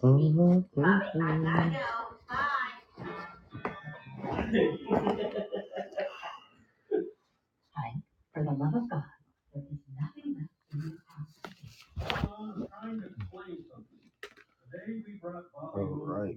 All right.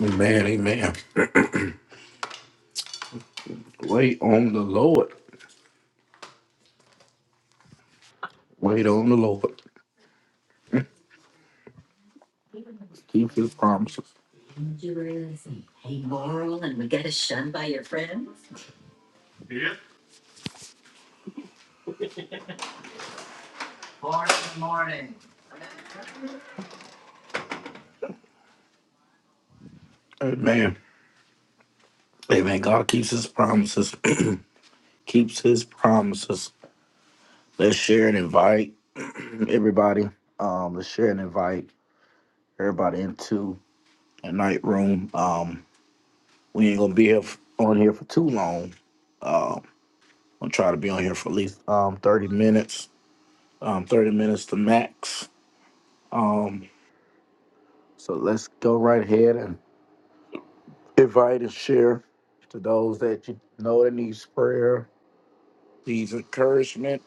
Amen, amen. Wait on the Lord. Wait on the Lord. Keep his promises. Amen. Amen. God keeps his promises. keeps his promises. Let's share and invite everybody. Um, let's share and invite everybody into a night room. Um, we ain't gonna be here f- on here for too long. Uh, I'm try to be on here for at least um, 30 minutes, um, 30 minutes to max. Um, so let's go right ahead and invite and share to those that you know that needs prayer, needs encouragement,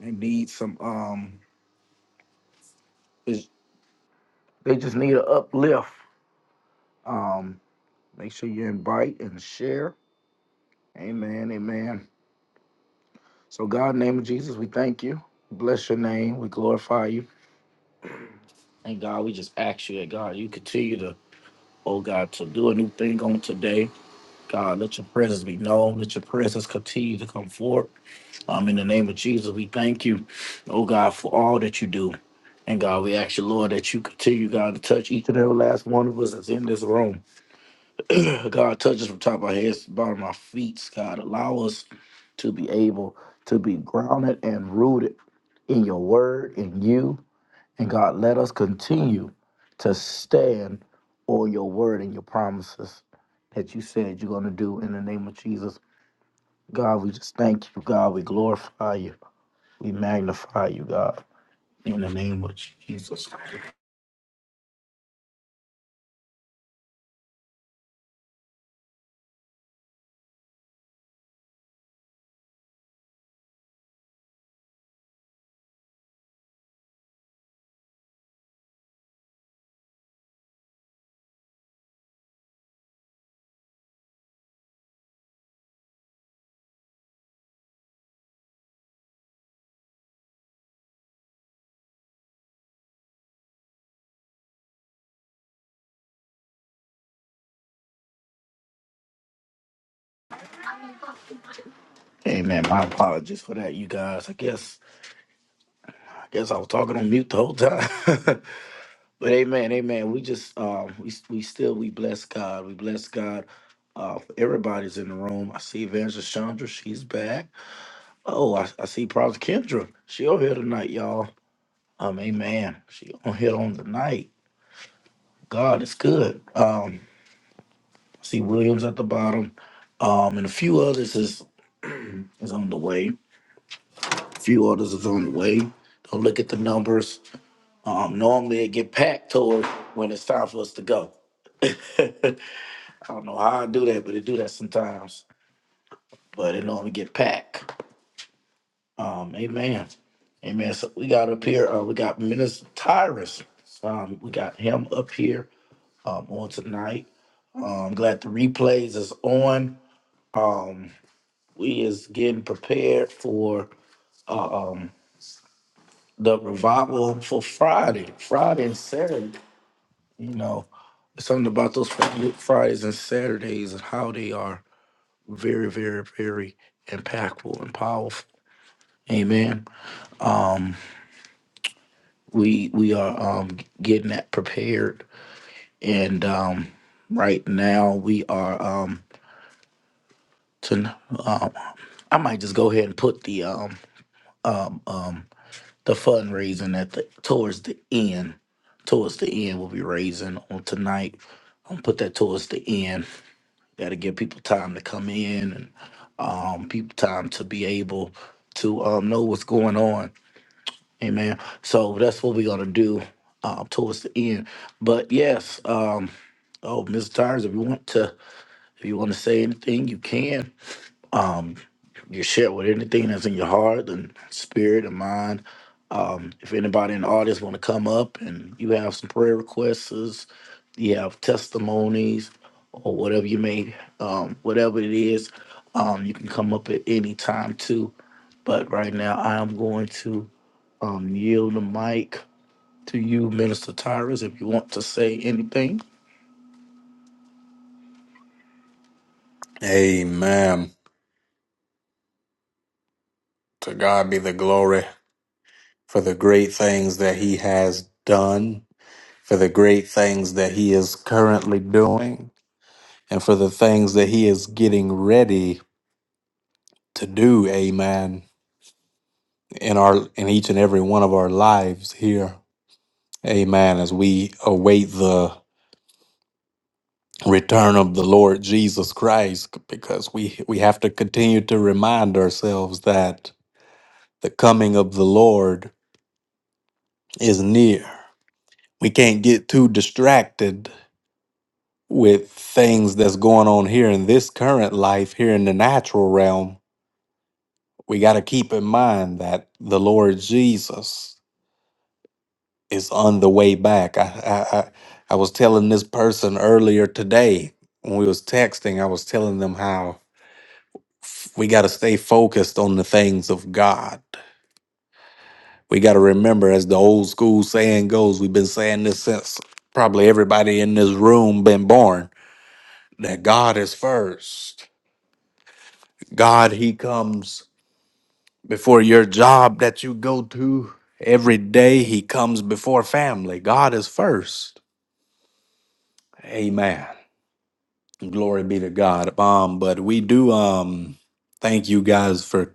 and need some. Um, is, they just need an uplift. Um, make sure you invite and share. Amen. Amen. So, God, in the name of Jesus, we thank you. Bless your name. We glorify you. And God, we just ask you that God, you continue to, oh God, to do a new thing on today. God, let your presence be known. Let your presence continue to come forth. Um, in the name of Jesus, we thank you, oh God, for all that you do. And God, we ask you, Lord, that you continue, God, to touch each and every last one of us that's in this room. God, touch us from top of our heads to the bottom of our feet. God, allow us to be able to be grounded and rooted in your word, in you, and God, let us continue to stand on your word and your promises that you said you're going to do in the name of Jesus. God, we just thank you. God, we glorify you. We magnify you, God, in the name of Jesus. Amen. My apologies for that, you guys. I guess I guess I was talking on mute the whole time. but amen, amen. We just um we we still we bless God. We bless God uh for everybody's in the room. I see Evangelist Chandra, she's back. Oh, I, I see Prophet Kendra. She on here tonight, y'all. Um, amen. She on here on the night. God is good. Um, I see Williams at the bottom. Um, and a few others is is on the way. A few others is on the way. Don't look at the numbers. Um, normally it get packed toward when it's time for us to go. I don't know how I do that, but it do that sometimes. But it normally get packed. Um, amen. Amen. So we got up here, uh, we got Minister Tyrus. Um, we got him up here um, on tonight. Um, glad the replays is on. Um, we is getting prepared for uh, um, the revival for Friday, Friday and Saturday. You know, something about those Fri- Fridays and Saturdays and how they are very, very, very impactful and powerful. Amen. Um, we we are um getting that prepared and um right now we are um to um i might just go ahead and put the um um um the fundraising at the towards the end towards the end we'll be raising on tonight i'll put that towards the end Gotta give people time to come in and um people time to be able to um know what's going on Amen. So that's what we're gonna do uh, towards the end. But yes, um, oh, Mister Tires, if you want to, if you want to say anything, you can. Um, you share with anything that's in your heart and spirit and mind. Um, if anybody in the audience want to come up and you have some prayer requests, you have testimonies or whatever you may, um, whatever it is, um, you can come up at any time too. But right now, I am going to um, yield the mic to you, Minister Tyrus, if you want to say anything. Amen. To God be the glory for the great things that He has done, for the great things that He is currently doing, and for the things that He is getting ready to do. Amen. In our in each and every one of our lives here. Amen. As we await the return of the Lord Jesus Christ, because we we have to continue to remind ourselves that the coming of the Lord is near. we can't get too distracted with things that's going on here in this current life here in the natural realm we got to keep in mind that the lord jesus is on the way back I, I i I was telling this person earlier today when we was texting i was telling them how f- we got to stay focused on the things of god we got to remember as the old school saying goes we've been saying this since probably everybody in this room been born that God is first. God, He comes before your job that you go to every day, He comes before family. God is first. Amen. Glory be to God. Um, but we do um thank you guys for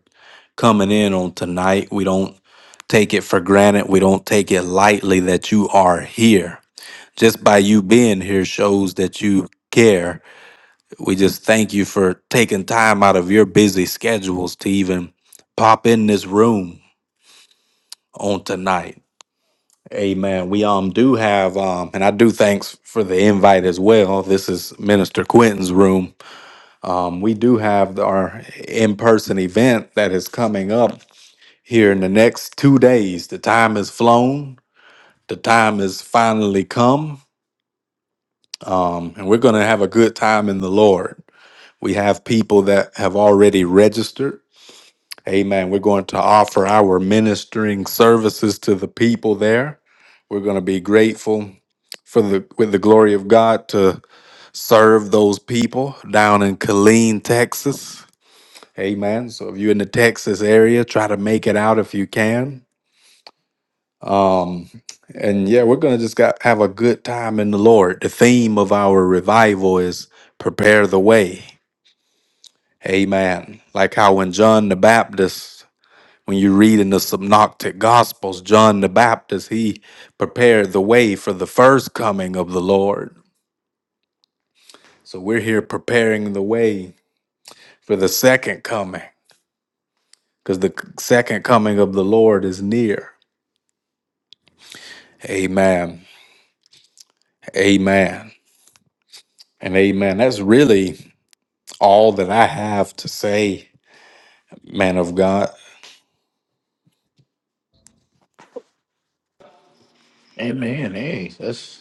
coming in on tonight. We don't take it for granted. We don't take it lightly that you are here. Just by you being here shows that you care We just thank you for taking time out of your busy schedules to even pop in this room on tonight. Amen. We um do have um and I do thanks for the invite as well. This is Minister Quentin's room. Um we do have our in-person event that is coming up here in the next 2 days. The time has flown. The time has finally come. Um and we're going to have a good time in the Lord. We have people that have already registered Amen. We're going to offer our ministering services to the people there. We're going to be grateful for the with the glory of God to serve those people down in Killeen, Texas. Amen. So if you're in the Texas area, try to make it out if you can. Um, and yeah, we're gonna just got have a good time in the Lord. The theme of our revival is prepare the way. Amen. Like how when John the Baptist When you read in the synoptic gospels, John the Baptist, he prepared the way for the first coming of the Lord. So we're here preparing the way for the second coming because the second coming of the Lord is near. Amen. Amen. And amen. That's really all that I have to say, man of God. Amen. Hey, that's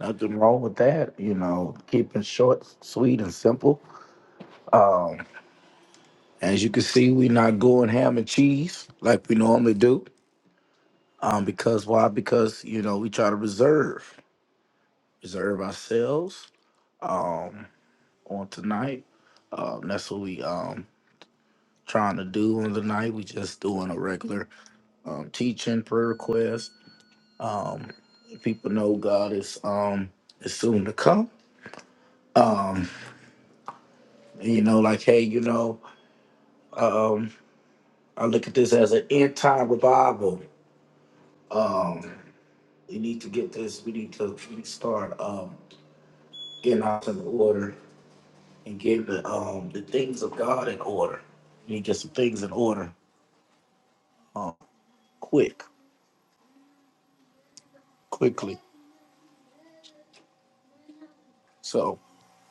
Nothing wrong with that, you know, keeping short, sweet, and simple. Um, as you can see, we're not going ham and cheese like we normally do. Um, because why? Because, you know, we try to reserve, reserve ourselves um on tonight. Um, that's what we um trying to do on the night. We just doing a regular um teaching, prayer request. Um people know God is um is soon to come. Um, you know, like hey, you know, um, I look at this as an end time revival. Um, we need to get this. We need to we need to start um, getting out in order and getting the um, the things of God in order. We need to get some things in order, um, quick, quickly. So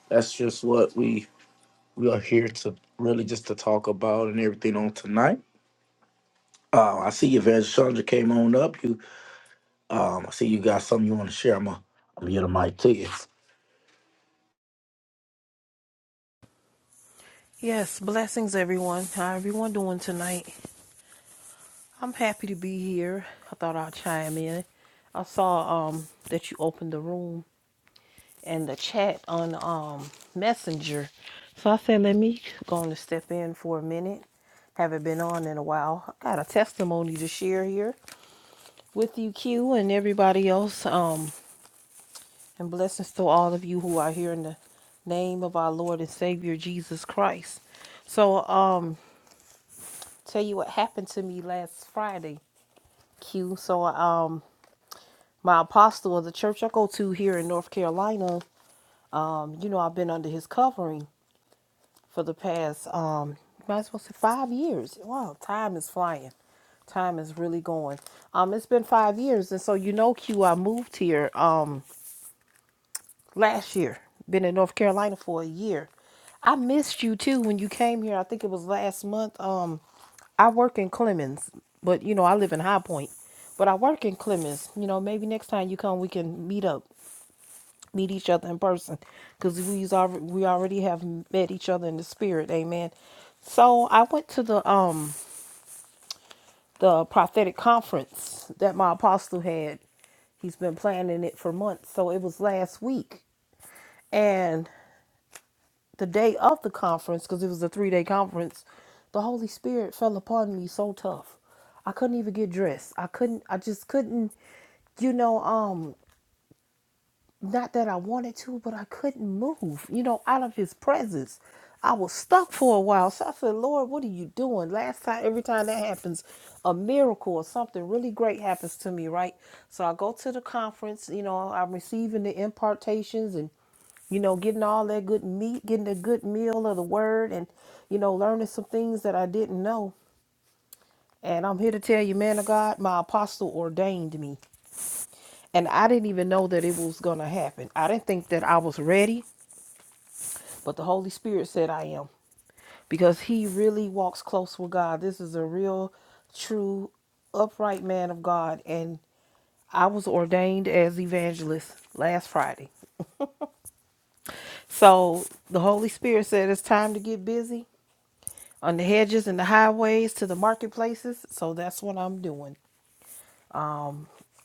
that's just what we we are here to really just to talk about and everything on tonight. Uh, I see you, Evangelist Chandra came on up. You, um, I see you got something you want to share. I'm gonna I'm gonna get a mic to you. Yes, blessings everyone. How everyone doing tonight? I'm happy to be here. I thought I'd chime in. I saw um that you opened the room and the chat on um Messenger. So I said let me go on and step in for a minute. Haven't been on in a while. I got a testimony to share here with you Q and everybody else. Um and blessings to all of you who are here in the name of our Lord and Savior Jesus Christ. So um tell you what happened to me last Friday, Q. So um my apostle of the church I go to here in North Carolina, um, you know, I've been under his covering for the past um might as well say five years. Wow, time is flying. Time is really going. Um, it's been five years and so you know Q, I moved here. Um last year. Been in North Carolina for a year. I missed you too when you came here. I think it was last month. Um, I work in Clemens, but you know I live in High Point, but I work in Clemens. You know maybe next time you come we can meet up, meet each other in person, cause we already we already have met each other in the spirit. Amen. So I went to the um the prophetic conference that my apostle had he's been planning it for months. So it was last week. And the day of the conference, because it was a three day conference, the Holy Spirit fell upon me so tough. I couldn't even get dressed. I couldn't, I just couldn't, you know, um, not that I wanted to, but I couldn't move, you know, out of his presence. I was stuck for a while. So I said, Lord, what are you doing? Last time, every time that happens, a miracle or something really great happens to me, right? So I go to the conference, you know, I'm receiving the impartations and you know, getting all that good meat, getting a good meal of the word, and, you know, learning some things that I didn't know. And I'm here to tell you, man of God, my apostle ordained me. And I didn't even know that it was going to happen. I didn't think that I was ready, but the Holy Spirit said I am because he really walks close with God. This is a real, true, upright man of God. And I was ordained as evangelist last Friday. So the Holy Spirit said it's time to get busy on the hedges and the highways to the marketplaces. So that's what I'm doing.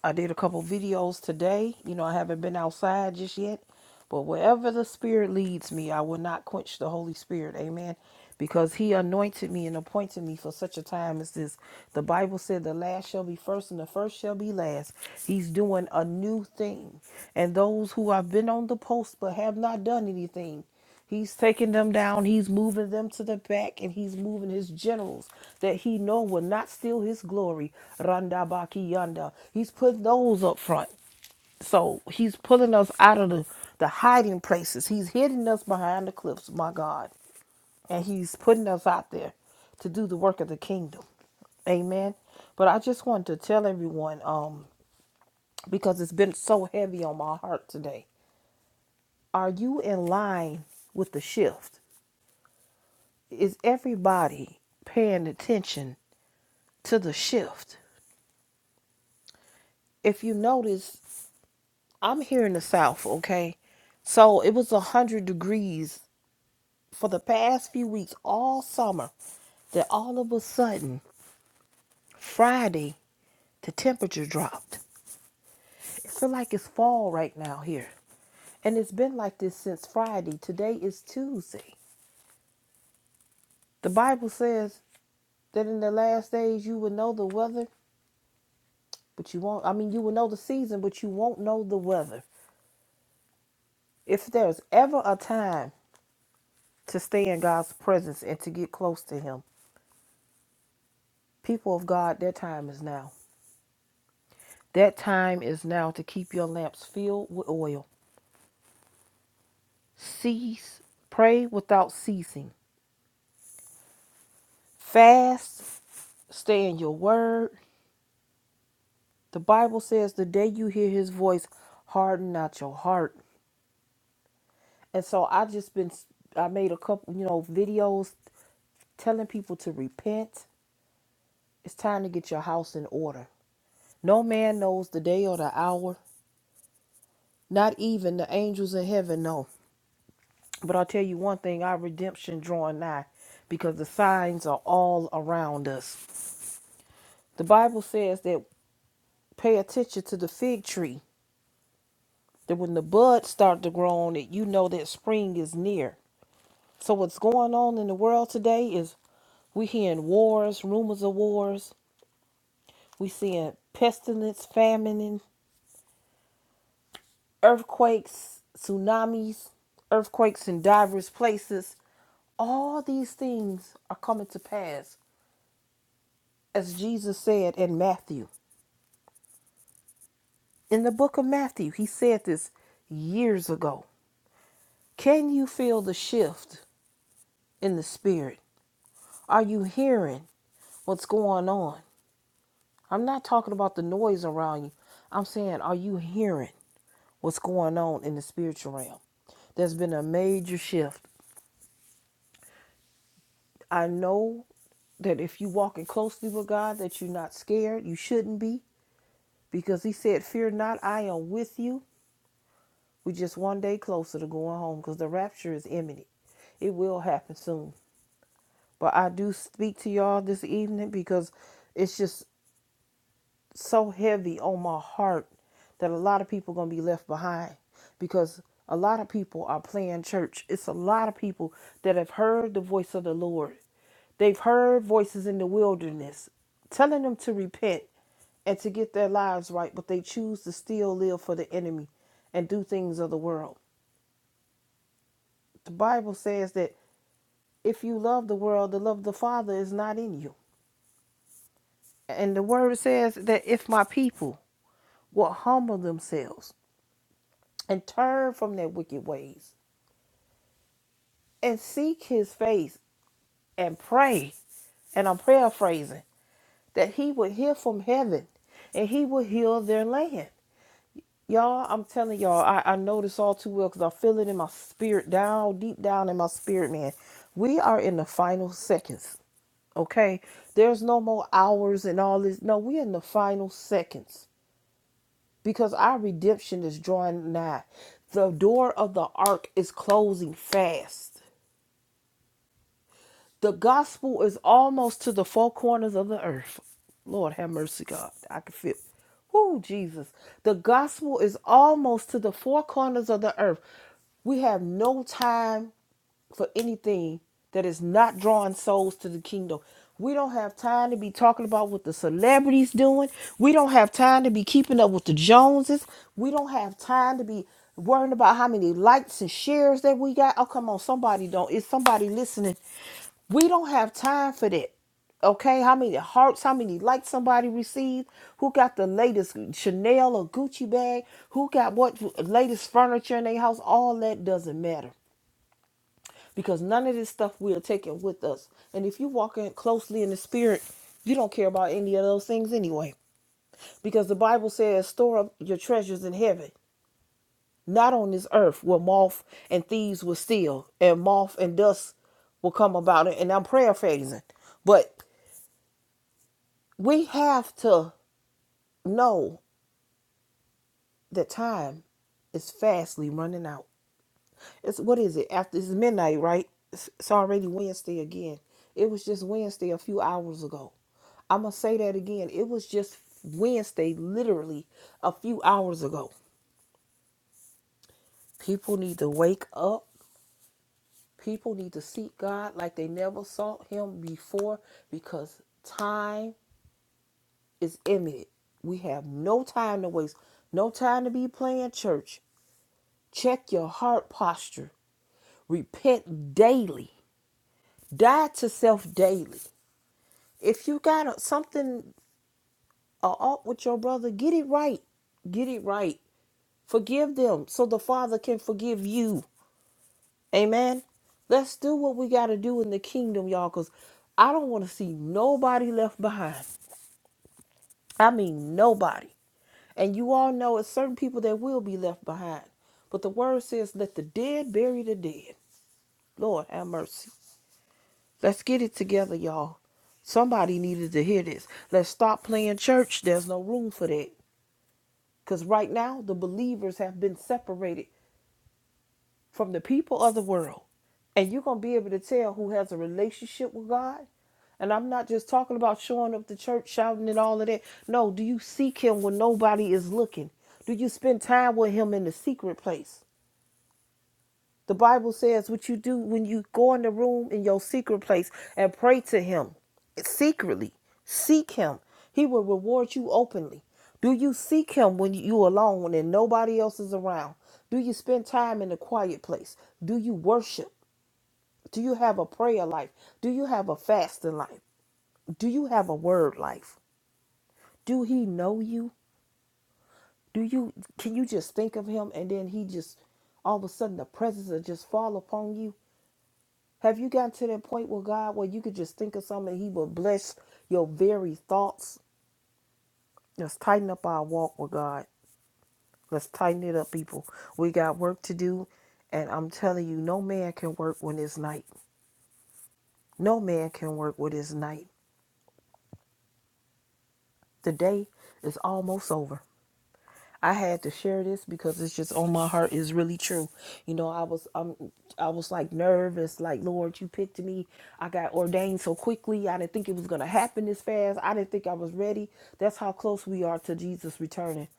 I did a couple videos today. You know, I haven't been outside just yet, but wherever the Spirit leads me, I will not quench the Holy Spirit. Amen. Because He anointed me and appointed me for such a time as this. The Bible said, The last shall be first, and the first shall be last. He's doing a new thing. And those who have been on the post but have not done anything, He's taking them down. He's moving them to the back, and he's moving his generals that he know will not steal his glory. Randa baki yanda. He's putting those up front. So he's pulling us out of the, the hiding places. He's hiding us behind the cliffs, my God. And he's putting us out there to do the work of the kingdom. Amen. But I just want to tell everyone, um, because it's been so heavy on my heart today. Are you in line with the shift? is everybody paying attention to the shift? If you notice, I'm here in the South, okay? So it was 100 degrees for the past few weeks, all summer, that all of a sudden, Friday, the temperature dropped. I feel like it's fall right now here. And it's been like this since Friday. Today is Tuesday. The Bible says that in the last days you will know the weather, but you won't, I mean, you will know the season, but you won't know the weather. If there's ever a time to stay in God's presence and to get close to Him, people of God, that time is now. That time is now to keep your lamps filled with oil. Cease, pray without ceasing. Fast, stay in your word. The Bible says, the day you hear His voice, harden not your heart. And so I just been, I made a couple, you know, videos telling people to repent. It's time to get your house in order. No man knows the day or the hour Not even the angels in heaven know. But I'll tell you one thing our redemption drawing nigh because the signs are all around us. The Bible says that pay attention to the fig tree, that when the buds start to grow on it, you know that spring is near. So, what's going on in the world today is we hearing wars, rumors of wars, we seeing pestilence, famine, earthquakes, tsunamis, earthquakes in diverse places. All these things are coming to pass, as Jesus said in Matthew. In the book of Matthew, he said this years ago. Can you feel the shift in the spirit? Are you hearing what's going on? I'm not talking about the noise around you. I'm saying, are you hearing what's going on in the spiritual realm? There's been a major shift. I know that if you walking closely with God, that you're not scared. You shouldn't be, because He said, "Fear not, I am with you." We're just one day closer to going home, because the rapture is imminent. It will happen soon. But I do speak to y'all this evening because it's just so heavy on my heart that a lot of people are going to be left behind because a lot of people are playing church. It's a lot of people that have heard the voice of the Lord. They've heard voices in the wilderness telling them to repent and to get their lives right, but they choose to still live for the enemy and do things of the world. The Bible says that if you love the world, the love of the Father is not in you. And the word says that if my people will humble themselves and turn from their wicked ways and seek his face and pray. And I'm paraphrasing that he would hear from heaven and he will heal their land. Y'all, I'm telling y'all, I, I know this all too well because I feel it in my spirit, down deep down in my spirit, man. We are in the final seconds, okay? There's no more hours and all this. No, we're in the final seconds because our redemption is drawing nigh. The door of the ark is closing fast. The gospel is almost to the four corners of the earth. Lord have mercy, God. I can feel. Oh, Jesus. The gospel is almost to the four corners of the earth. We have no time for anything that is not drawing souls to the kingdom. We don't have time to be talking about what the celebrities doing. We don't have time to be keeping up with the Joneses. We don't have time to be worrying about how many likes and shares that we got. Oh, come on, somebody don't. Is somebody listening? We don't have time for that. Okay, how many hearts, how many likes somebody received, who got the latest Chanel or Gucci bag, who got what latest furniture in their house, all that doesn't matter because none of this stuff we are taking with us. And if you walk in closely in the spirit, you don't care about any of those things anyway. Because the Bible says, store up your treasures in heaven, not on this earth where moth and thieves will steal, and moth and dust will come about it. And I'm paraphrasing. But we have to know that time is fastly running out. It's what is it? After it's midnight, right? It's, it's already Wednesday again. It was just Wednesday a few hours ago. I'm gonna say that again. It was just Wednesday, literally a few hours ago. People need to wake up. People need to seek God like they never sought Him before because time is imminent. We have no time to waste, no time to be playing church. Check your heart posture. Repent daily. Die to self daily. if you got something a with your brother, get it right. Get it right. Forgive them so the Father can forgive you. Amen. Let's do what we got to do in the kingdom, y'all, because I don't want to see nobody left behind. I mean, nobody. And you all know it's certain people that will be left behind. But the word says, let the dead bury the dead. Lord, have mercy. Let's get it together, y'all. Somebody needed to hear this. Let's stop playing church. There's no room for that. Because right now, the believers have been separated from the people of the world. And you're going to be able to tell who has a relationship with God. And I'm not just talking about showing up to church, shouting and all of that. No, do you seek Him when nobody is looking? Do you spend time with Him in the secret place? The Bible says what you do when you go in the room in your secret place and pray to Him secretly. Seek Him. He will reward you openly. Do you seek Him when you alone and nobody else is around? Do you spend time in a quiet place? Do you worship? Do you have a prayer life? Do you have a fasting life? Do you have a word life? Do He know you? Do you can you just think of Him and then He just all of a sudden the presence will just fall upon you? Have you gotten to that point with God where you could just think of something and He will bless your very thoughts? Let's tighten up our walk with God. Let's tighten it up, people. We got work to do. And I'm telling you, no man can work when it's night. No man can work when it's night. The day is almost over. I had to share this because it's just on my heart is really true. You know, I was um I was like nervous, like Lord, you picked me. I got ordained so quickly. I didn't think it was gonna happen this fast. I didn't think I was ready. That's how close we are to Jesus returning.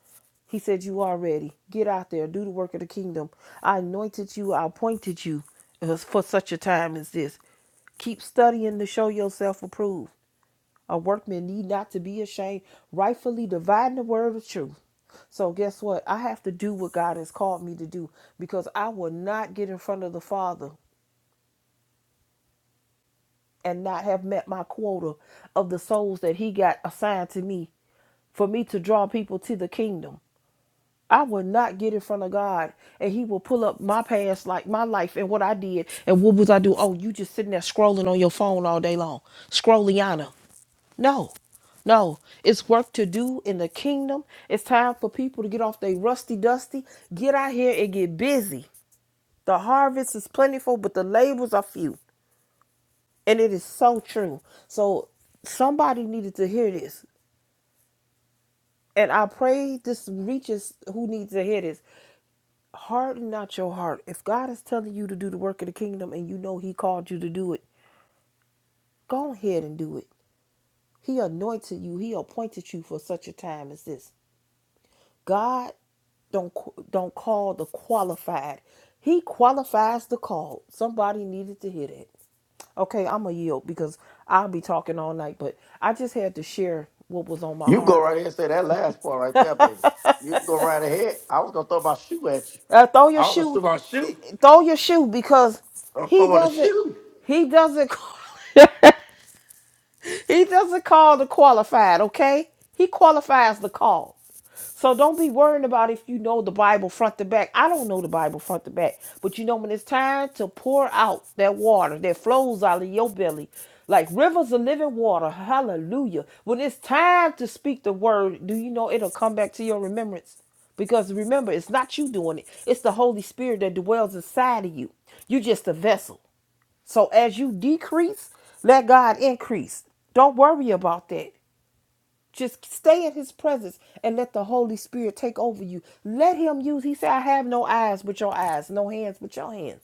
He said, You are ready. Get out there, do the work of the kingdom. I anointed you, I appointed you uh, for such a time as this. Keep studying to show yourself approved. A workman need not to be ashamed, rightfully dividing the word of truth. So guess what? I have to do what God has called me to do because I will not get in front of the Father and not have met my quota of the souls that he got assigned to me for me to draw people to the kingdom. I will not get in front of God and he will pull up my past like my life and what I did and what was I do? Oh, you just sitting there scrolling on your phone all day long. Scrolliana. No. No. It's work to do in the kingdom. It's time for people to get off their rusty dusty, get out here and get busy. The harvest is plentiful, but the labors are few. And it is so true. So somebody needed to hear this. And I pray this reaches who needs to hear this. harden not your heart. If God is telling you to do the work of the kingdom and you know He called you to do it, go ahead and do it. He anointed you. He appointed you for such a time as this. God don't don't call the qualified. He qualifies the call. Somebody needed to hear that. Okay, I'm gonna yield because I'll be talking all night. But I just had to share what was on my You go heart. right ahead and say that last part right there, baby. You go right ahead. I was gonna throw my shoe at you. Uh, throw your I was shoe, throw my eh, shoe. throw your shoe because I'm he throwing the doesn't. shoe. He doesn't. He doesn't call the qualified, okay? He qualifies the call. So don't be worrying about if you know the Bible front to back. I don't know the Bible front to back. But you know when it's time to pour out that water that flows out of your belly like rivers of living water. Hallelujah. When it's time to speak the word, do you know it'll come back to your remembrance? Because remember, it's not you doing it. It's the Holy Spirit that dwells inside of you. You're just a vessel. So as you decrease, let God increase. Don't worry about that. Just stay in his presence and let the Holy Spirit take over you. Let him use. He said, I have no eyes but your eyes, no hands but your hands.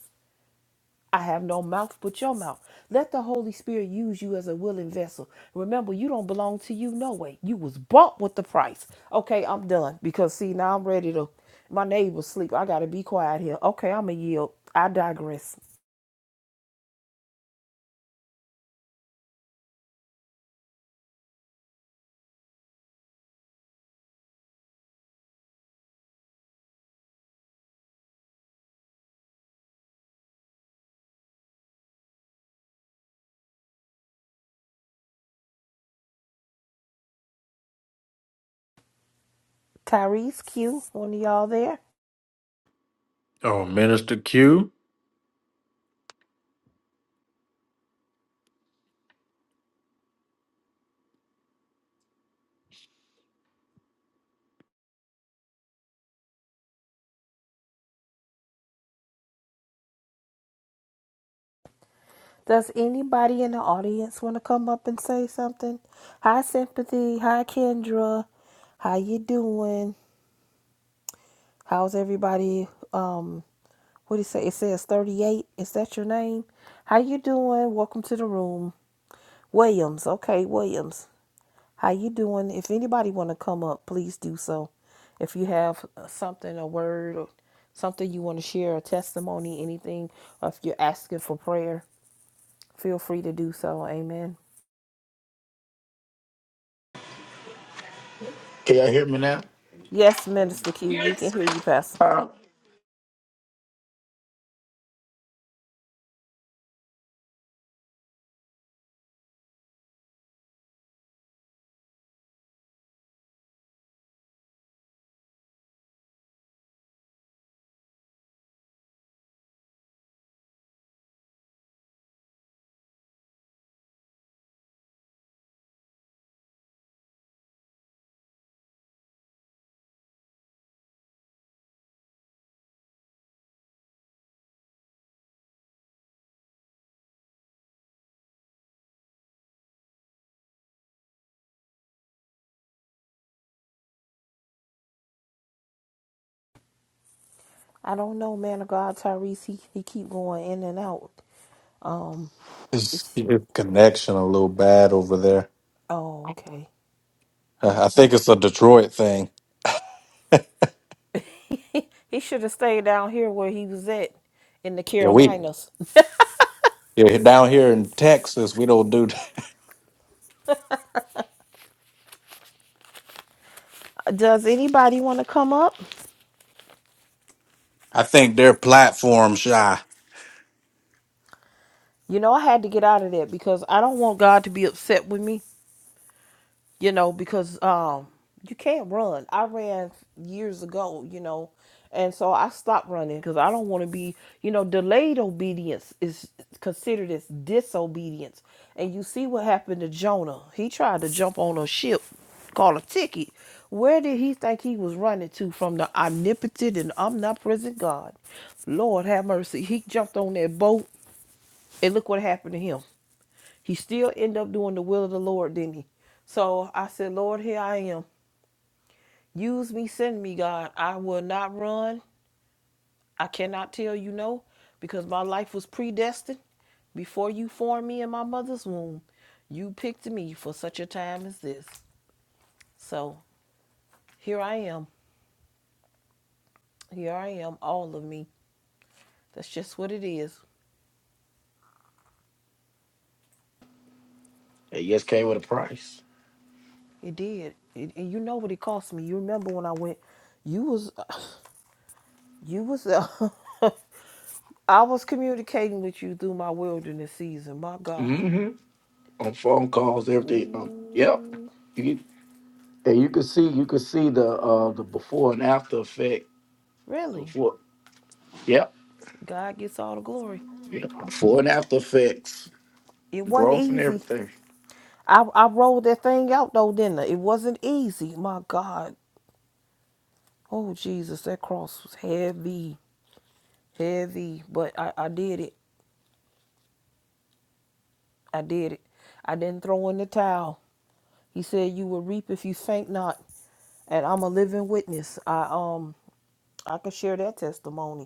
I have no mouth but your mouth. Let the Holy Spirit use you as a willing vessel. Remember, you don't belong to you no way. You was bought with the price. Okay, I'm done because see now I'm ready to. My neighbors sleep. I gotta be quiet here. Okay, I'm a yield. I digress. Tyrese Q, one of y'all there? Oh, Minister Q. Does anybody in the audience want to come up and say something? Hi, Sympathy. Hi, Kendra. How you doing? How's everybody? Um, what do you say? It says 38. Is that your name? How you doing? Welcome to the room. Williams. Okay, Williams. How you doing? If anybody want to come up, please do so. If you have uh, something, a word, or something you want to share, a testimony, anything, or if you're asking for prayer, feel free to do so. Amen. Can y'all hear me now? Yes, Minister Q, we can hear you, Pastor. Huh? I don't know, man of God, Tyrese. He, he keep going in and out. Um, Is it's your connection a little bad over there? oh Uh, okay, I okay. think it's a Detroit thing. He should have stayed down here where he was at in the Yeah, we Carolinas. Yeah, down here in Texas, we don't do. that. Does anybody want to come up? I think they're platform shy. You know, I had to get out of there because I don't want God to be upset with me. you know, because um, you can't run. I ran years ago, you know, and so I stopped running because I don't want to be, you know, delayed obedience is considered as disobedience. And you see what happened to Jonah. He tried to jump on a ship called a ticket. Where did he think he was running to from the omnipotent and omnipresent God? Lord have mercy. He jumped on that boat and look what happened to him. He still ended up doing the will of the Lord, didn't he? So I said, Lord, here I am. Use me, send me, God. I will not run. I cannot tell you no, because my life was predestined. Before you formed me in my mother's womb, you picked me for such a time as this. So here I am. Here I am, all of me. That's just what it is. Hey, yes, came with a price. It did. It, and you know what it cost me. You remember when I went, you was, you was, uh, I was communicating with you through my wilderness season. My God. Mm-hmm. On phone calls, everything. Um, yep. Ooh, You can, and you can see you can see the uh the before and after effect. The really? Before yep. God gets all the glory. yep. Before and after effects. It wasn't Growth and easy. everything. I, I rolled that thing out though, didn't I? It wasn't easy. My God. Oh, Jesus, that cross was heavy, heavy. But I, I did it. I did it. I didn't throw in the towel. He said, You will reap if you faint not. And I'm a living witness. I um I can share that testimony.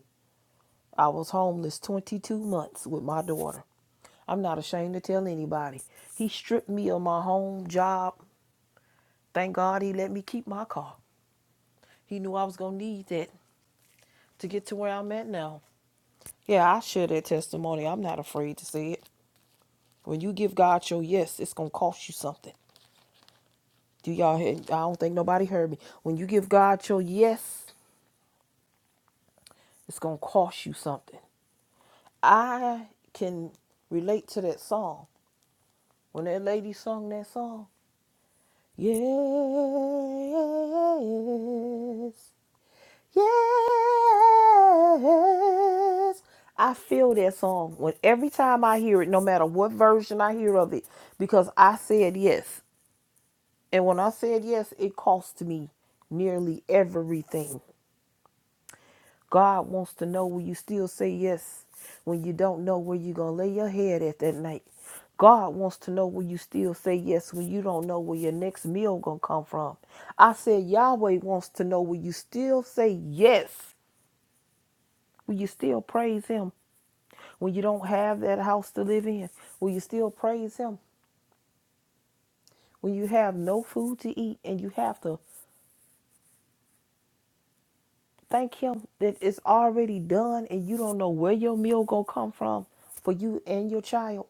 I was homeless 22 months with my daughter. I'm not ashamed to tell anybody. He stripped me of my home, job. Thank God he let me keep my car. He knew I was going to need that to get to where I'm at now. Yeah, I share that testimony. I'm not afraid to say it. When you give God your yes, it's going to cost you something. Do y'all hear? I don't think nobody heard me. When you give God your yes, it's going to cost you something. I can relate to that song. When that lady sung that song, Yes. Yes. I feel that song when every time I hear it, no matter what version I hear of it, because I said yes. And when I said yes, it cost me nearly everything. God wants to know will you still say yes when you don't know where you're going to lay your head at that night. God wants to know will you still say yes when you don't know where your next meal going to come from. I said Yahweh wants to know will you still say yes? Will you still praise him when you don't have that house to live in? Will you still praise him when you have no food to eat and you have to thank him that it's already done and you don't know where your meal going to come from for you and your child?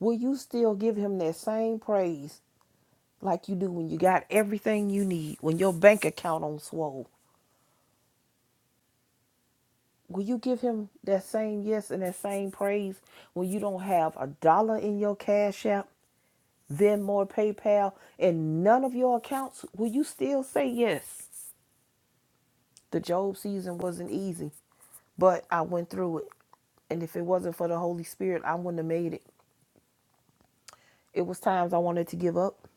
will you still give him that same praise like you do when you got everything you need, when your bank account on swole? Will you give him that same yes and that same praise when you don't have a dollar in your cash app, Venmo, or PayPal, and none of your accounts? Will you still say yes? The Job season wasn't easy, but I went through it. And if it wasn't for the Holy Spirit, I wouldn't have made it. It was times I wanted to give up.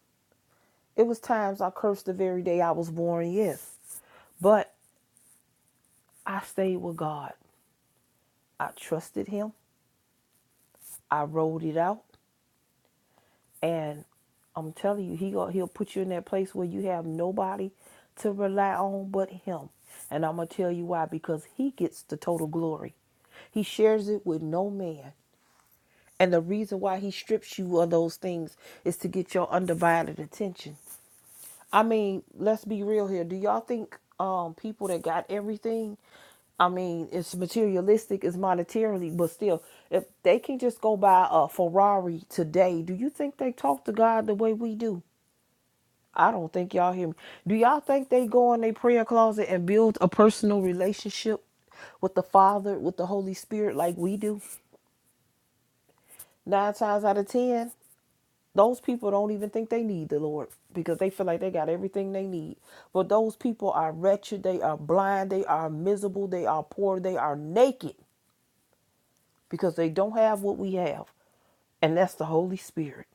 It was times I cursed the very day I was born, yes. but. I stayed with God. I trusted Him. I rolled it out, and I'm telling you, He gon- He'll put you in that place where you have nobody to rely on but Him. And I'm gonna tell you why because He gets the total glory. He shares it with no man. And the reason why He strips you of those things is to get your undivided attention. I mean, let's be real here. Do y'all think um people that got everything, I mean, it's materialistic, it's monetarily, but still, if they can just go buy a Ferrari today, do you think they talk to God the way we do? I don't think y'all hear me. Do y'all think they go in their prayer closet and build a personal relationship with the Father, with the Holy Spirit like we do? Nine times out of ten. Those people don't even think they need the Lord because they feel like they got everything they need. But those people are wretched, they are blind, they are miserable, they are poor, they are naked because they don't have what we have. And that's the Holy Spirit.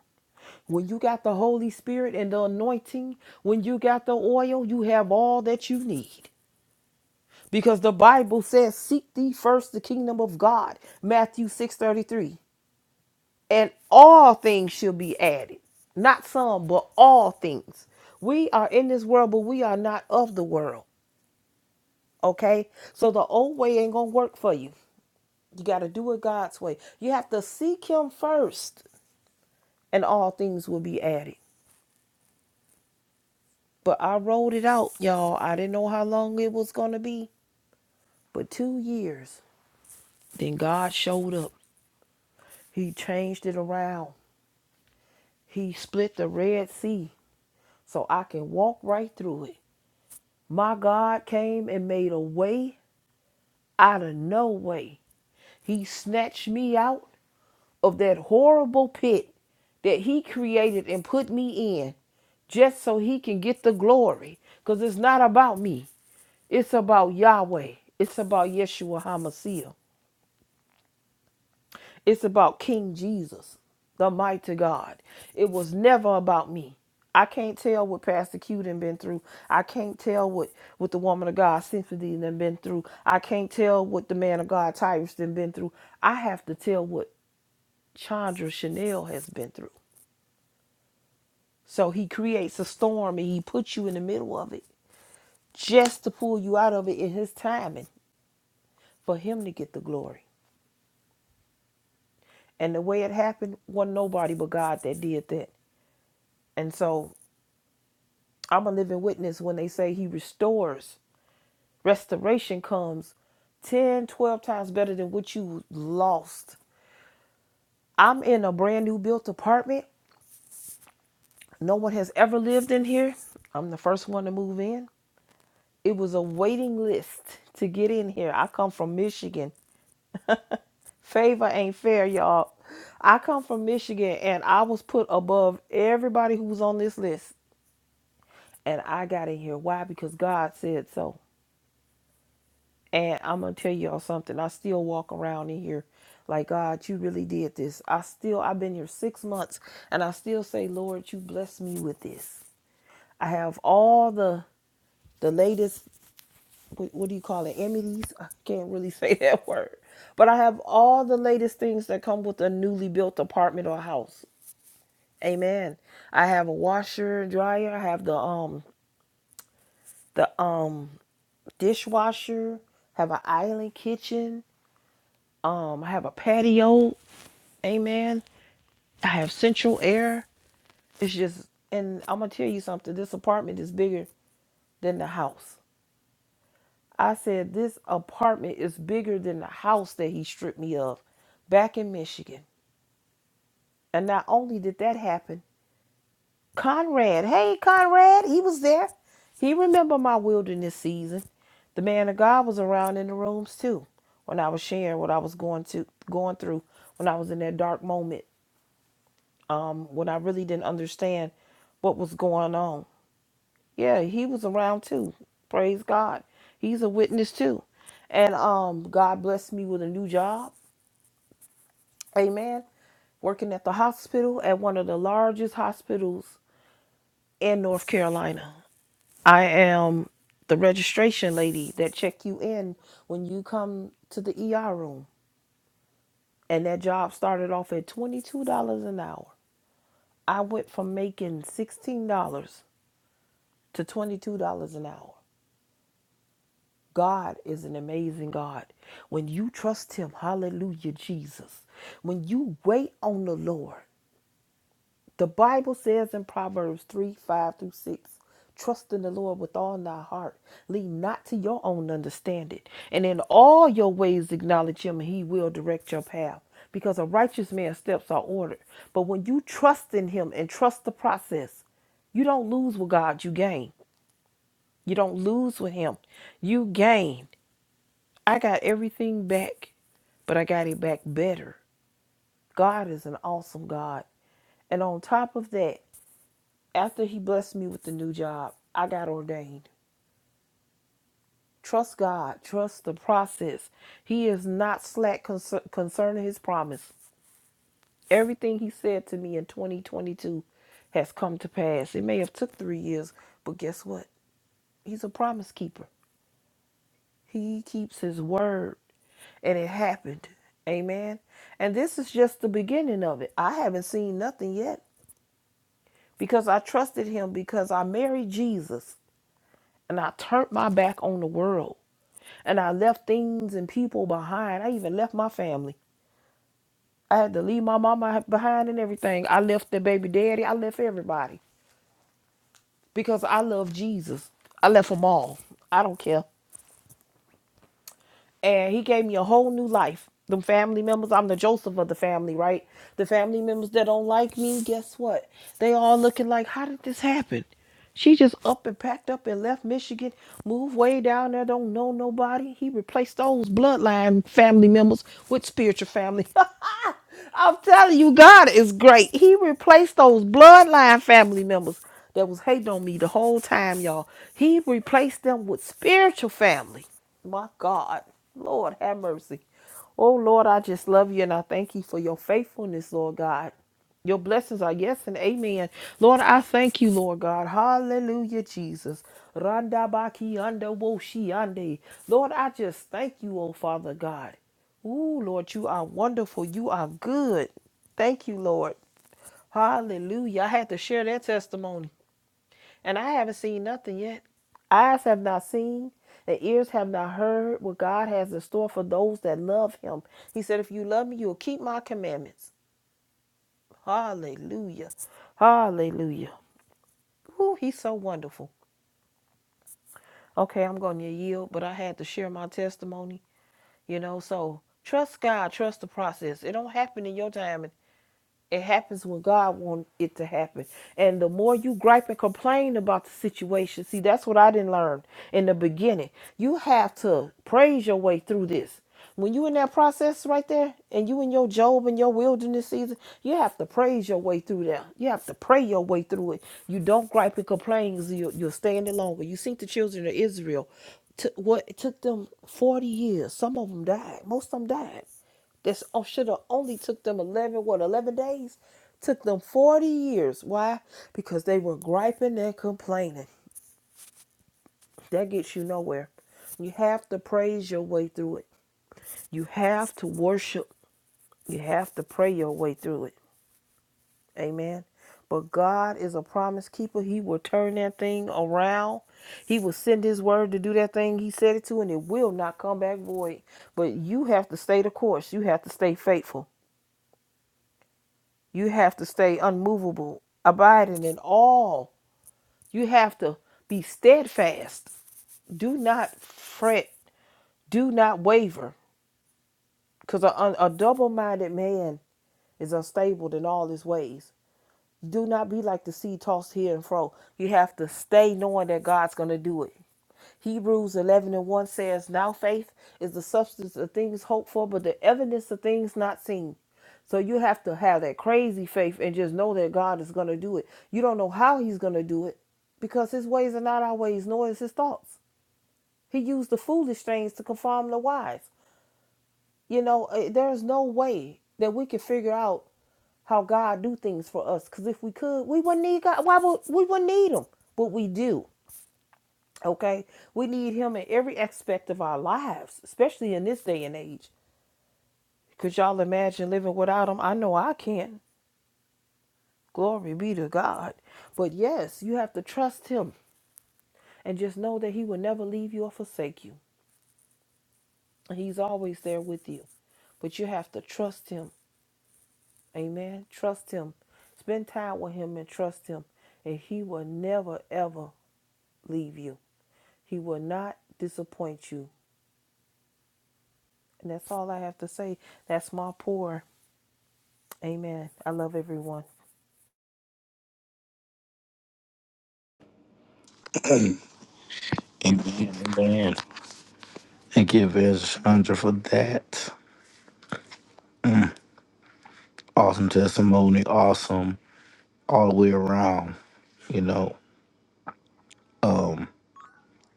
When you got the Holy Spirit and the anointing, when you got the oil, you have all that you need. Because the Bible says, Seek thee first the kingdom of God, Matthew 6 33. and all things shall be added. Not some, but all things. We are in this world, but we are not of the world. Okay? So the old way ain't gonna work for you. You gotta do it God's way. You have to seek him first, and all things will be added. But I rolled it out, y'all. I didn't know how long it was gonna be, but two years. Then God showed up. He changed it around. He split the Red Sea so I can walk right through it. My God came and made a way out of no way. He snatched me out of that horrible pit that He created and put me in just so He can get the glory. Because it's not about me, it's about Yahweh, it's about Yeshua HaMashiach. It's about King Jesus, the mighty God. It was never about me. I can't tell what Pastor Q done been through. I can't tell what, what the woman of God Symphony done been through. I can't tell what the man of God Tyrus done been through. I have to tell what Chandra Chanel has been through. So he creates a storm and he puts you in the middle of it just to pull you out of it in his timing for him to get the glory. And the way it happened wasn't nobody but God that did that. And so I'm a living witness when they say he restores. Restoration comes 10, 12 times better than what you lost. I'm in a brand new built apartment. No one has ever lived in here. I'm the first one to move in. It was a waiting list to get in here. I come from Michigan. Favor ain't fair, y'all. I come from Michigan and I was put above everybody who was on this list. And I got in here. Why? Because God said so. And I'm gonna tell y'all something. I still walk around in here like God, you really did this. I still I've been here six months and I still say, Lord, you bless me with this. I have all the the latest what, what do you call it? Amenities? I can't really say that word. But I have all the latest things that come with a newly built apartment or house. Amen. I have a washer, dryer, I have the um the um dishwasher, have an island kitchen, um I have a patio. Amen. I have central air. It's just, and I'm gonna tell you something. This apartment is bigger than the house. I said this apartment is bigger than the house that he stripped me of back in Michigan. And not only did that happen, Conrad. Hey, Conrad. He was there. He remembered my wilderness season. The man of God was around in the rooms too when I was sharing what I was going to going through when I was in that dark moment um, when I really didn't understand what was going on. Yeah, he was around too. Praise God. He's a witness too. And um God blessed me with a new job. Amen. Working at the hospital at one of the largest hospitals in North Carolina. I am the registration lady that check you in when you come to the ER room. And that job started off at $22 an hour. I went from making $16 to $22 an hour. God is an amazing God. When you trust Him, hallelujah, Jesus. When you wait on the Lord, the Bible says in Proverbs 3 5 through 6, trust in the Lord with all thy heart, lean not to your own understanding, and in all your ways acknowledge Him, and He will direct your path. Because a righteous man's steps are ordered. But when you trust in Him and trust the process, you don't lose with God, you gain. You don't lose with Him, you gain. I got everything back, but I got it back better. God is an awesome God. And on top of that, after he blessed me with the new job, I got ordained. Trust God, trust the process. He is not slack concer- concerning his promise. Everything he said to me in 2022 has come to pass. It may have took 3 years, but guess what? He's a promise keeper. He keeps his word. And it happened. Amen. And this is just the beginning of it. I haven't seen nothing yet because I trusted him because I married Jesus and I turned my back on the world and I left things and people behind. I even left my family. I had to leave my mama behind and everything. I left the baby daddy. I left everybody because I love Jesus. I left them all. I don't care. and he gave me a whole new life. Them family members, I'm the Joseph of the family, right? The family members that don't like me, guess what? They all looking like, how did this happen? She just up and packed up and left Michigan, moved way down there, don't know nobody. He replaced those bloodline family members with spiritual family. I'm telling you, God is great. He replaced those bloodline family members that was hating on me the whole time, y'all. He replaced them with spiritual family. My God. Lord, have mercy. Oh, Lord, I just love you and I thank you for your faithfulness, Lord God. Your blessings are yes and amen. Lord, I thank you, Lord God. Hallelujah, Jesus. Randa baki anda wo shi ande. Lord, I just thank you, oh Father God. Ooh, Lord, you are wonderful. You are good. Thank you, Lord. Hallelujah. I had to share that testimony. And I haven't seen nothing yet. Eyes have not seen, and ears have not heard what God has in store for those that love him. He said, If you love me, you'll keep my commandments. Hallelujah. Hallelujah. Ooh, he's so wonderful. Okay, I'm going to yield, but I had to share my testimony, you know, so trust God, trust the process. It don't happen in your time It happens when God wants it to happen. And the more you gripe and complain about the situation, see, that's what I didn't learn in the beginning. You have to praise your way through this. When you in that process right there, and you in your Job and your wilderness season, you have to praise your way through there. You have to pray your way through it. You don't gripe and complain 'cause you, you you're standing longer. You see the children of Israel, took what it took them 40 years. Some of them died. Most of them died this oh, should have only took them 11, what, 11 days? Took them 40 years. Why? Because they were griping and complaining. That gets you nowhere. You have to praise your way through it. You have to worship. You have to pray your way through it. Amen. But God is a promise keeper. He will turn that thing around. He will send his word to do that thing he said it to, and it will not come back void. But you have to stay the course. You have to stay faithful. You have to stay unmovable, abiding in all. You have to be steadfast. Do not fret. Do not waver. Because a, a double minded man is unstable in all his ways. Do not be like the sea tossed here and fro. You have to stay knowing that God's going to do it. Hebrews 11 and 1 says, Now faith is the substance of things hoped for, but the evidence of things not seen. So you have to have that crazy faith and just know that God is going to do it. You don't know how He's going to do it because His ways are not our ways, nor is His thoughts. He used the foolish things to conform the wise. You know, eh, there's no way that we can figure out how God do things for us. Because if we could, we wouldn't need God. Why would we wouldn't need Him? But we do. Okay, we need him in every aspect of our lives, especially in this day and age. Could y'all imagine living without him? I know I can. Glory be to God. But yes, you have to trust him and just know that he will never leave you or forsake you. He's always there with you. But you have to trust him. Amen. Trust him. Spend time with him and trust him. And he will never, ever leave you. He will not disappoint you. And that's all I have to say. That's my pour. Amen. I love everyone. Amen. Amen. Thank you, Evangelist Chandra, for that. awesome testimony, awesome all the way around. You know,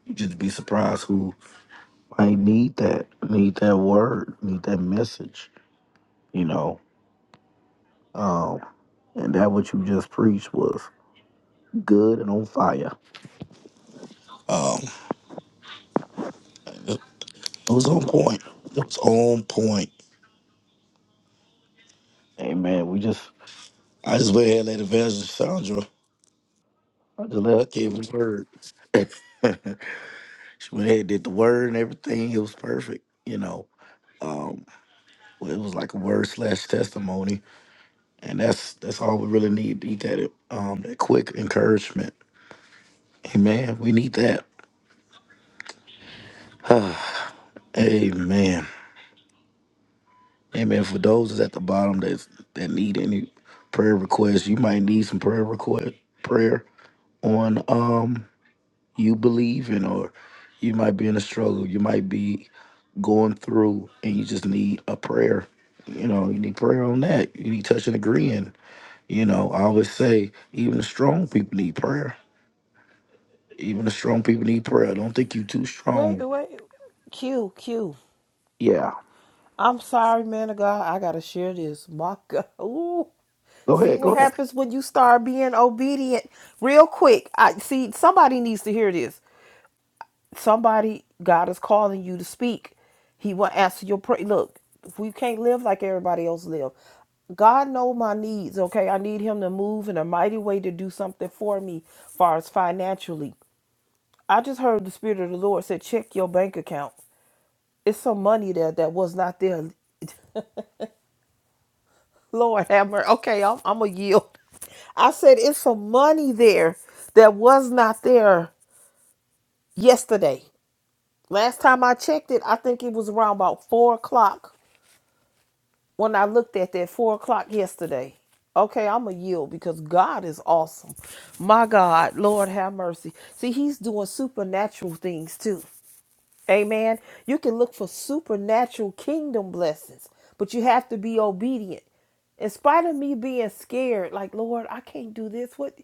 you just be surprised who might need that, need that word, need that message. You know, um, and that what you just preached was good and on fire. Um, it it was on point. It was on point. Amen. We just, I just went ahead and let Evangelist Sandra. I just let her give the word. she went ahead, and did the word and everything. It was perfect. You know. Well, it was like a word slash testimony, and that's that's all we really need. Need that um that quick encouragement. Amen. We need that. Amen. Amen. For those that's at the bottom that that need any prayer requests, you might need some prayer request prayer on um you believing or you might be in a struggle. You might be going through and you just need a prayer. You know, you need prayer on that. You need touch and agreeing. You know, I always say even the strong people need prayer. Even the strong people need prayer. Don't think you too Wait, strong. wait. Q, Q. Yeah. I'm sorry, man of God. I gotta share this. My God. Ooh. Go See ahead, what go ahead. happens when you start being obedient. Real quick. I see somebody needs to hear this. Somebody, God is calling you to speak. He will answer your prayer. Look, if we can't live like everybody else live. God know my needs, okay? I need him to move in a mighty way to do something for me as far as financially. I just heard the spirit of the Lord said check your bank account. It's some money there that was not there. Lord have mercy. Okay, I'm, I'm going to yield. I said, it's some money there that was not there yesterday. Last time I checked it, I think it was around about 4 o'clock when I looked at that 4 o'clock yesterday. Okay, I'm going to yield because God is awesome. My God, Lord have mercy. See, He's doing supernatural things too. Amen. You can look for supernatural kingdom blessings, but you have to be obedient. In spite of me being scared, like, Lord, I can't do this. What?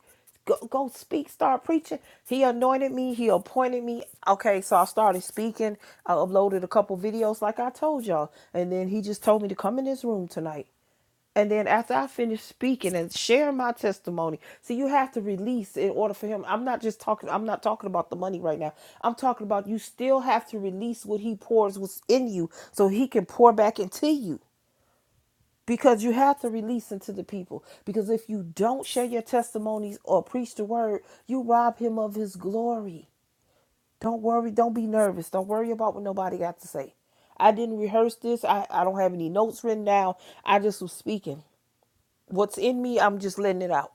Go, go speak, start preaching. He anointed me, He appointed me. Okay, so I started speaking. I uploaded a couple videos, like I told y'all. And then He just told me to come in this room tonight. And then after I finish speaking and sharing my testimony, see, you have to release in order for him. I'm not just talking. I'm not talking about the money right now. I'm talking about you still have to release what he pours within you, so he can pour back into you. Because you have to release into the people. Because if you don't share your testimonies or preach the word, you rob him of his glory. Don't worry. Don't be nervous. Don't worry about what nobody got to say. I didn't rehearse this. I, I don't have any notes written down. I just was speaking. What's in me, I'm just letting it out.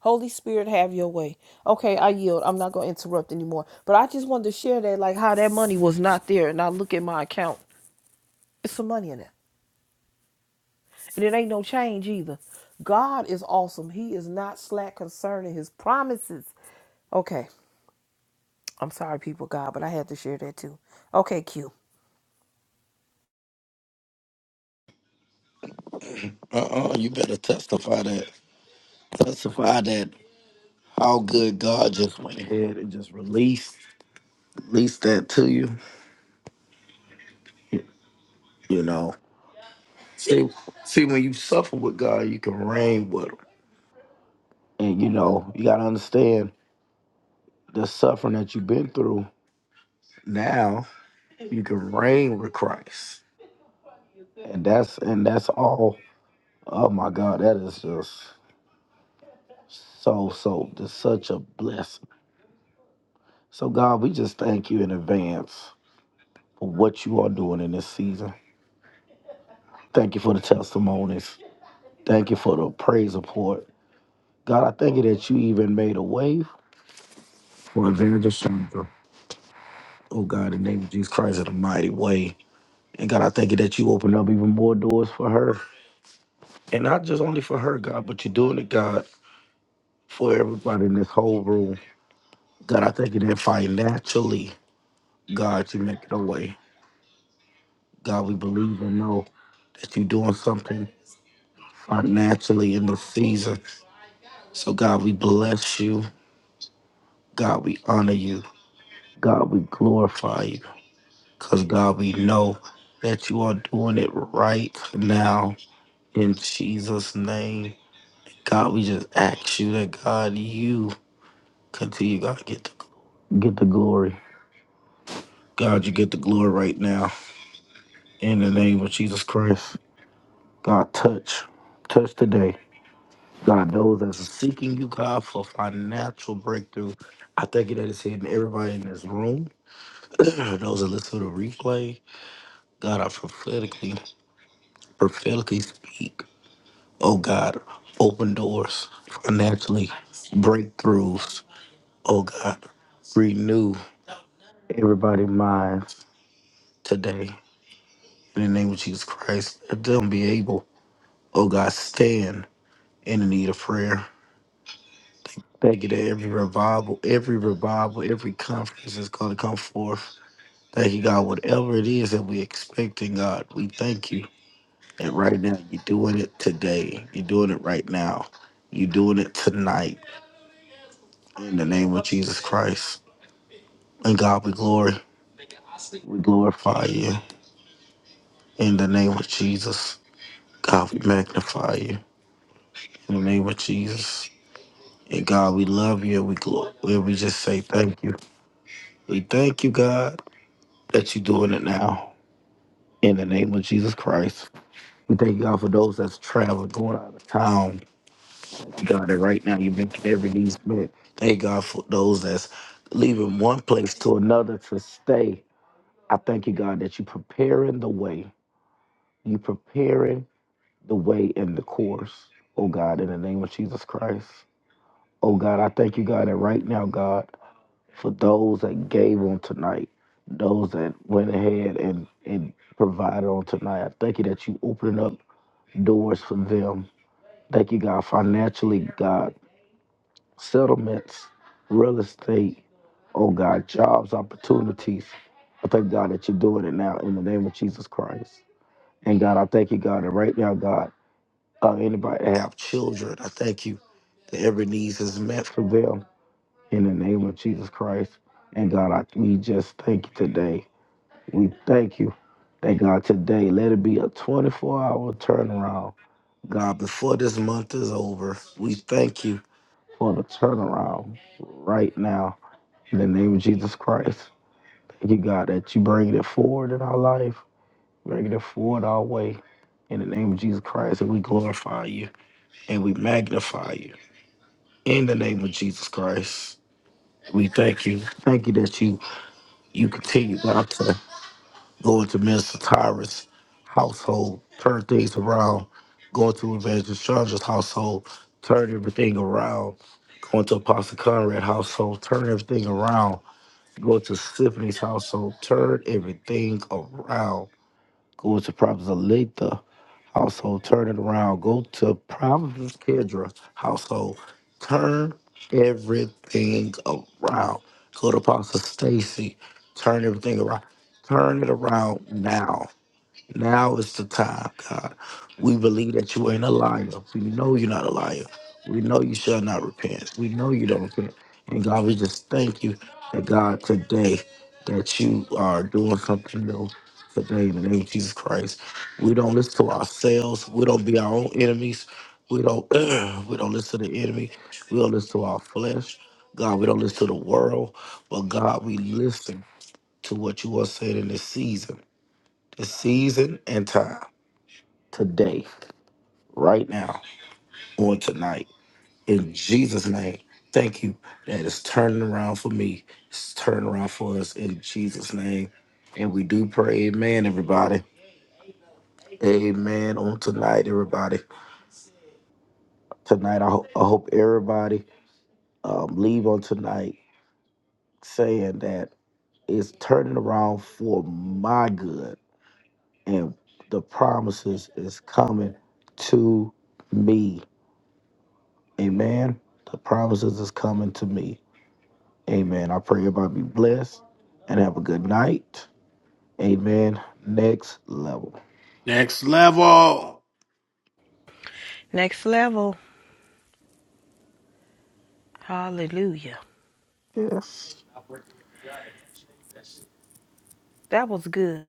Holy Spirit, have your way. Okay, I yield. I'm not going to interrupt anymore. But I just wanted to share that, like, how that money was not there. And I look at my account, it's some money in it. And it ain't no change either. God is awesome. He is not slack concerning his promises. Okay, I'm sorry, people, God, but I had to share that too. Okay, Q. Uh-uh, you better testify that. Testify that how good God just went ahead and just released released that to you. You know. See see when you suffer with God, you can reign with him. And you know, you gotta understand the suffering that you've been through now, you can reign with Christ. And that's and that's all Oh my God, that is just so, so, just such a blessing. So, God, we just thank you in advance for what you are doing in this season. Thank you for the testimonies. Thank you for the praise report. God, I thank you that you even made a way for Evangelist Chandra. Oh, God, in the name of Jesus Christ, in a mighty way. And God, I thank you that you opened up even more doors for her. And not just only for her, God, but you're doing it, God, for everybody in this whole room. God, I thank you that financially, God, you make it a way. God, we believe and know that you're doing something financially in this season. So, God, we bless you. God, we honor you. God, we glorify you. Because, God, we know that you are doing it right now in Jesus' name. God, we just ask you that, God, you continue, God, get the, get the glory. God, you get the glory right now in the name of Jesus Christ. God, touch. Touch today. God, those that's seeking you, God, for financial breakthrough. I thank you that it's hitting everybody in this room. those that listen to the replay, God, I prophetically, prophetically speak. Oh God, open doors financially, breakthroughs. Oh God, renew everybody's minds today. In the name of Jesus Christ, let them be able, oh God, stand in the need of prayer Thank you that every revival, every revival, every conference is going to come forth. Thank you, God. Whatever it is that we expect in God, we thank you. And right now, you're doing it today. You're doing it right now. You're doing it tonight. In the name of Jesus Christ. And God, we glory. We glorify you. In the name of Jesus. God, we magnify you. In the name of Jesus. And God, we love you. and We glor- and We just say thank you. We thank you, God, that you're doing it now. In the name of Jesus Christ, we thank you, God for those that's traveling, going out of town. God, that right now you've been every needs met. Thank God for those that's leaving one place to another to stay. I thank you, God, that you preparing the way. You preparing the way and the course. Oh God, in the name of Jesus Christ. Oh God, I thank you, God, that right now, God, for those that gave on tonight, those that went ahead and, and provided on tonight. I thank you that you opening up doors for them. Thank you, God, financially, God, settlements, real estate, oh God, jobs, opportunities. I thank God that you're doing it now in the name of Jesus Christ. And God, I thank you, God, that right now, God, uh, anybody that have children, I thank you that every need is met for them in the name of Jesus Christ. And God, I, we just thank you today we thank you. Thank God today. Let it be a 24 hour turnaround. God, before this month is over, we thank you for the turnaround right now. In the name of Jesus Christ. Thank you, God, that you bring it forward in our life, bring it forward our way. In the name of Jesus Christ, and we glorify you and we magnify you. In the name of Jesus Christ, we thank you. Thank you that you you continue, God, to going to Mr. Tyrus' household, turn things around, going to Evangelist Chandra's household, turn everything around, going to Apostle Conrad's household, turn everything around, going to Symphony's household, turn everything around, going to Prophet Aletha household, turn it around, go to Prophet Kendra household, turn everything around, go to Apostle Stacy, turn everything around turn it around now. Now is the time, God. We believe that you ain't a liar. We know you're not a liar. We know you shall not repent. We know you don't repent. And God, we just thank you that God today that you are doing something new today in the name of Jesus Christ. We don't listen to ourselves. We don't be our own enemies. We don't we don't listen to the enemy. We don't listen to our flesh. God, we don't listen to the world. But God, we listen to what you are saying in this season the season and time today, right now, on tonight. In Jesus' name, thank you that it's turning around for me. It's turning around for us in Jesus' name. And we do pray, amen, everybody. Amen on tonight, everybody. Tonight, I, ho- I hope everybody um, leave on tonight saying that it's turning around for my good and the promises is coming to me Amen. The promises is coming to me. Amen. I pray everybody be blessed and have a good night. Amen. Next level. Next level. Next level. Hallelujah. Yes. That was good.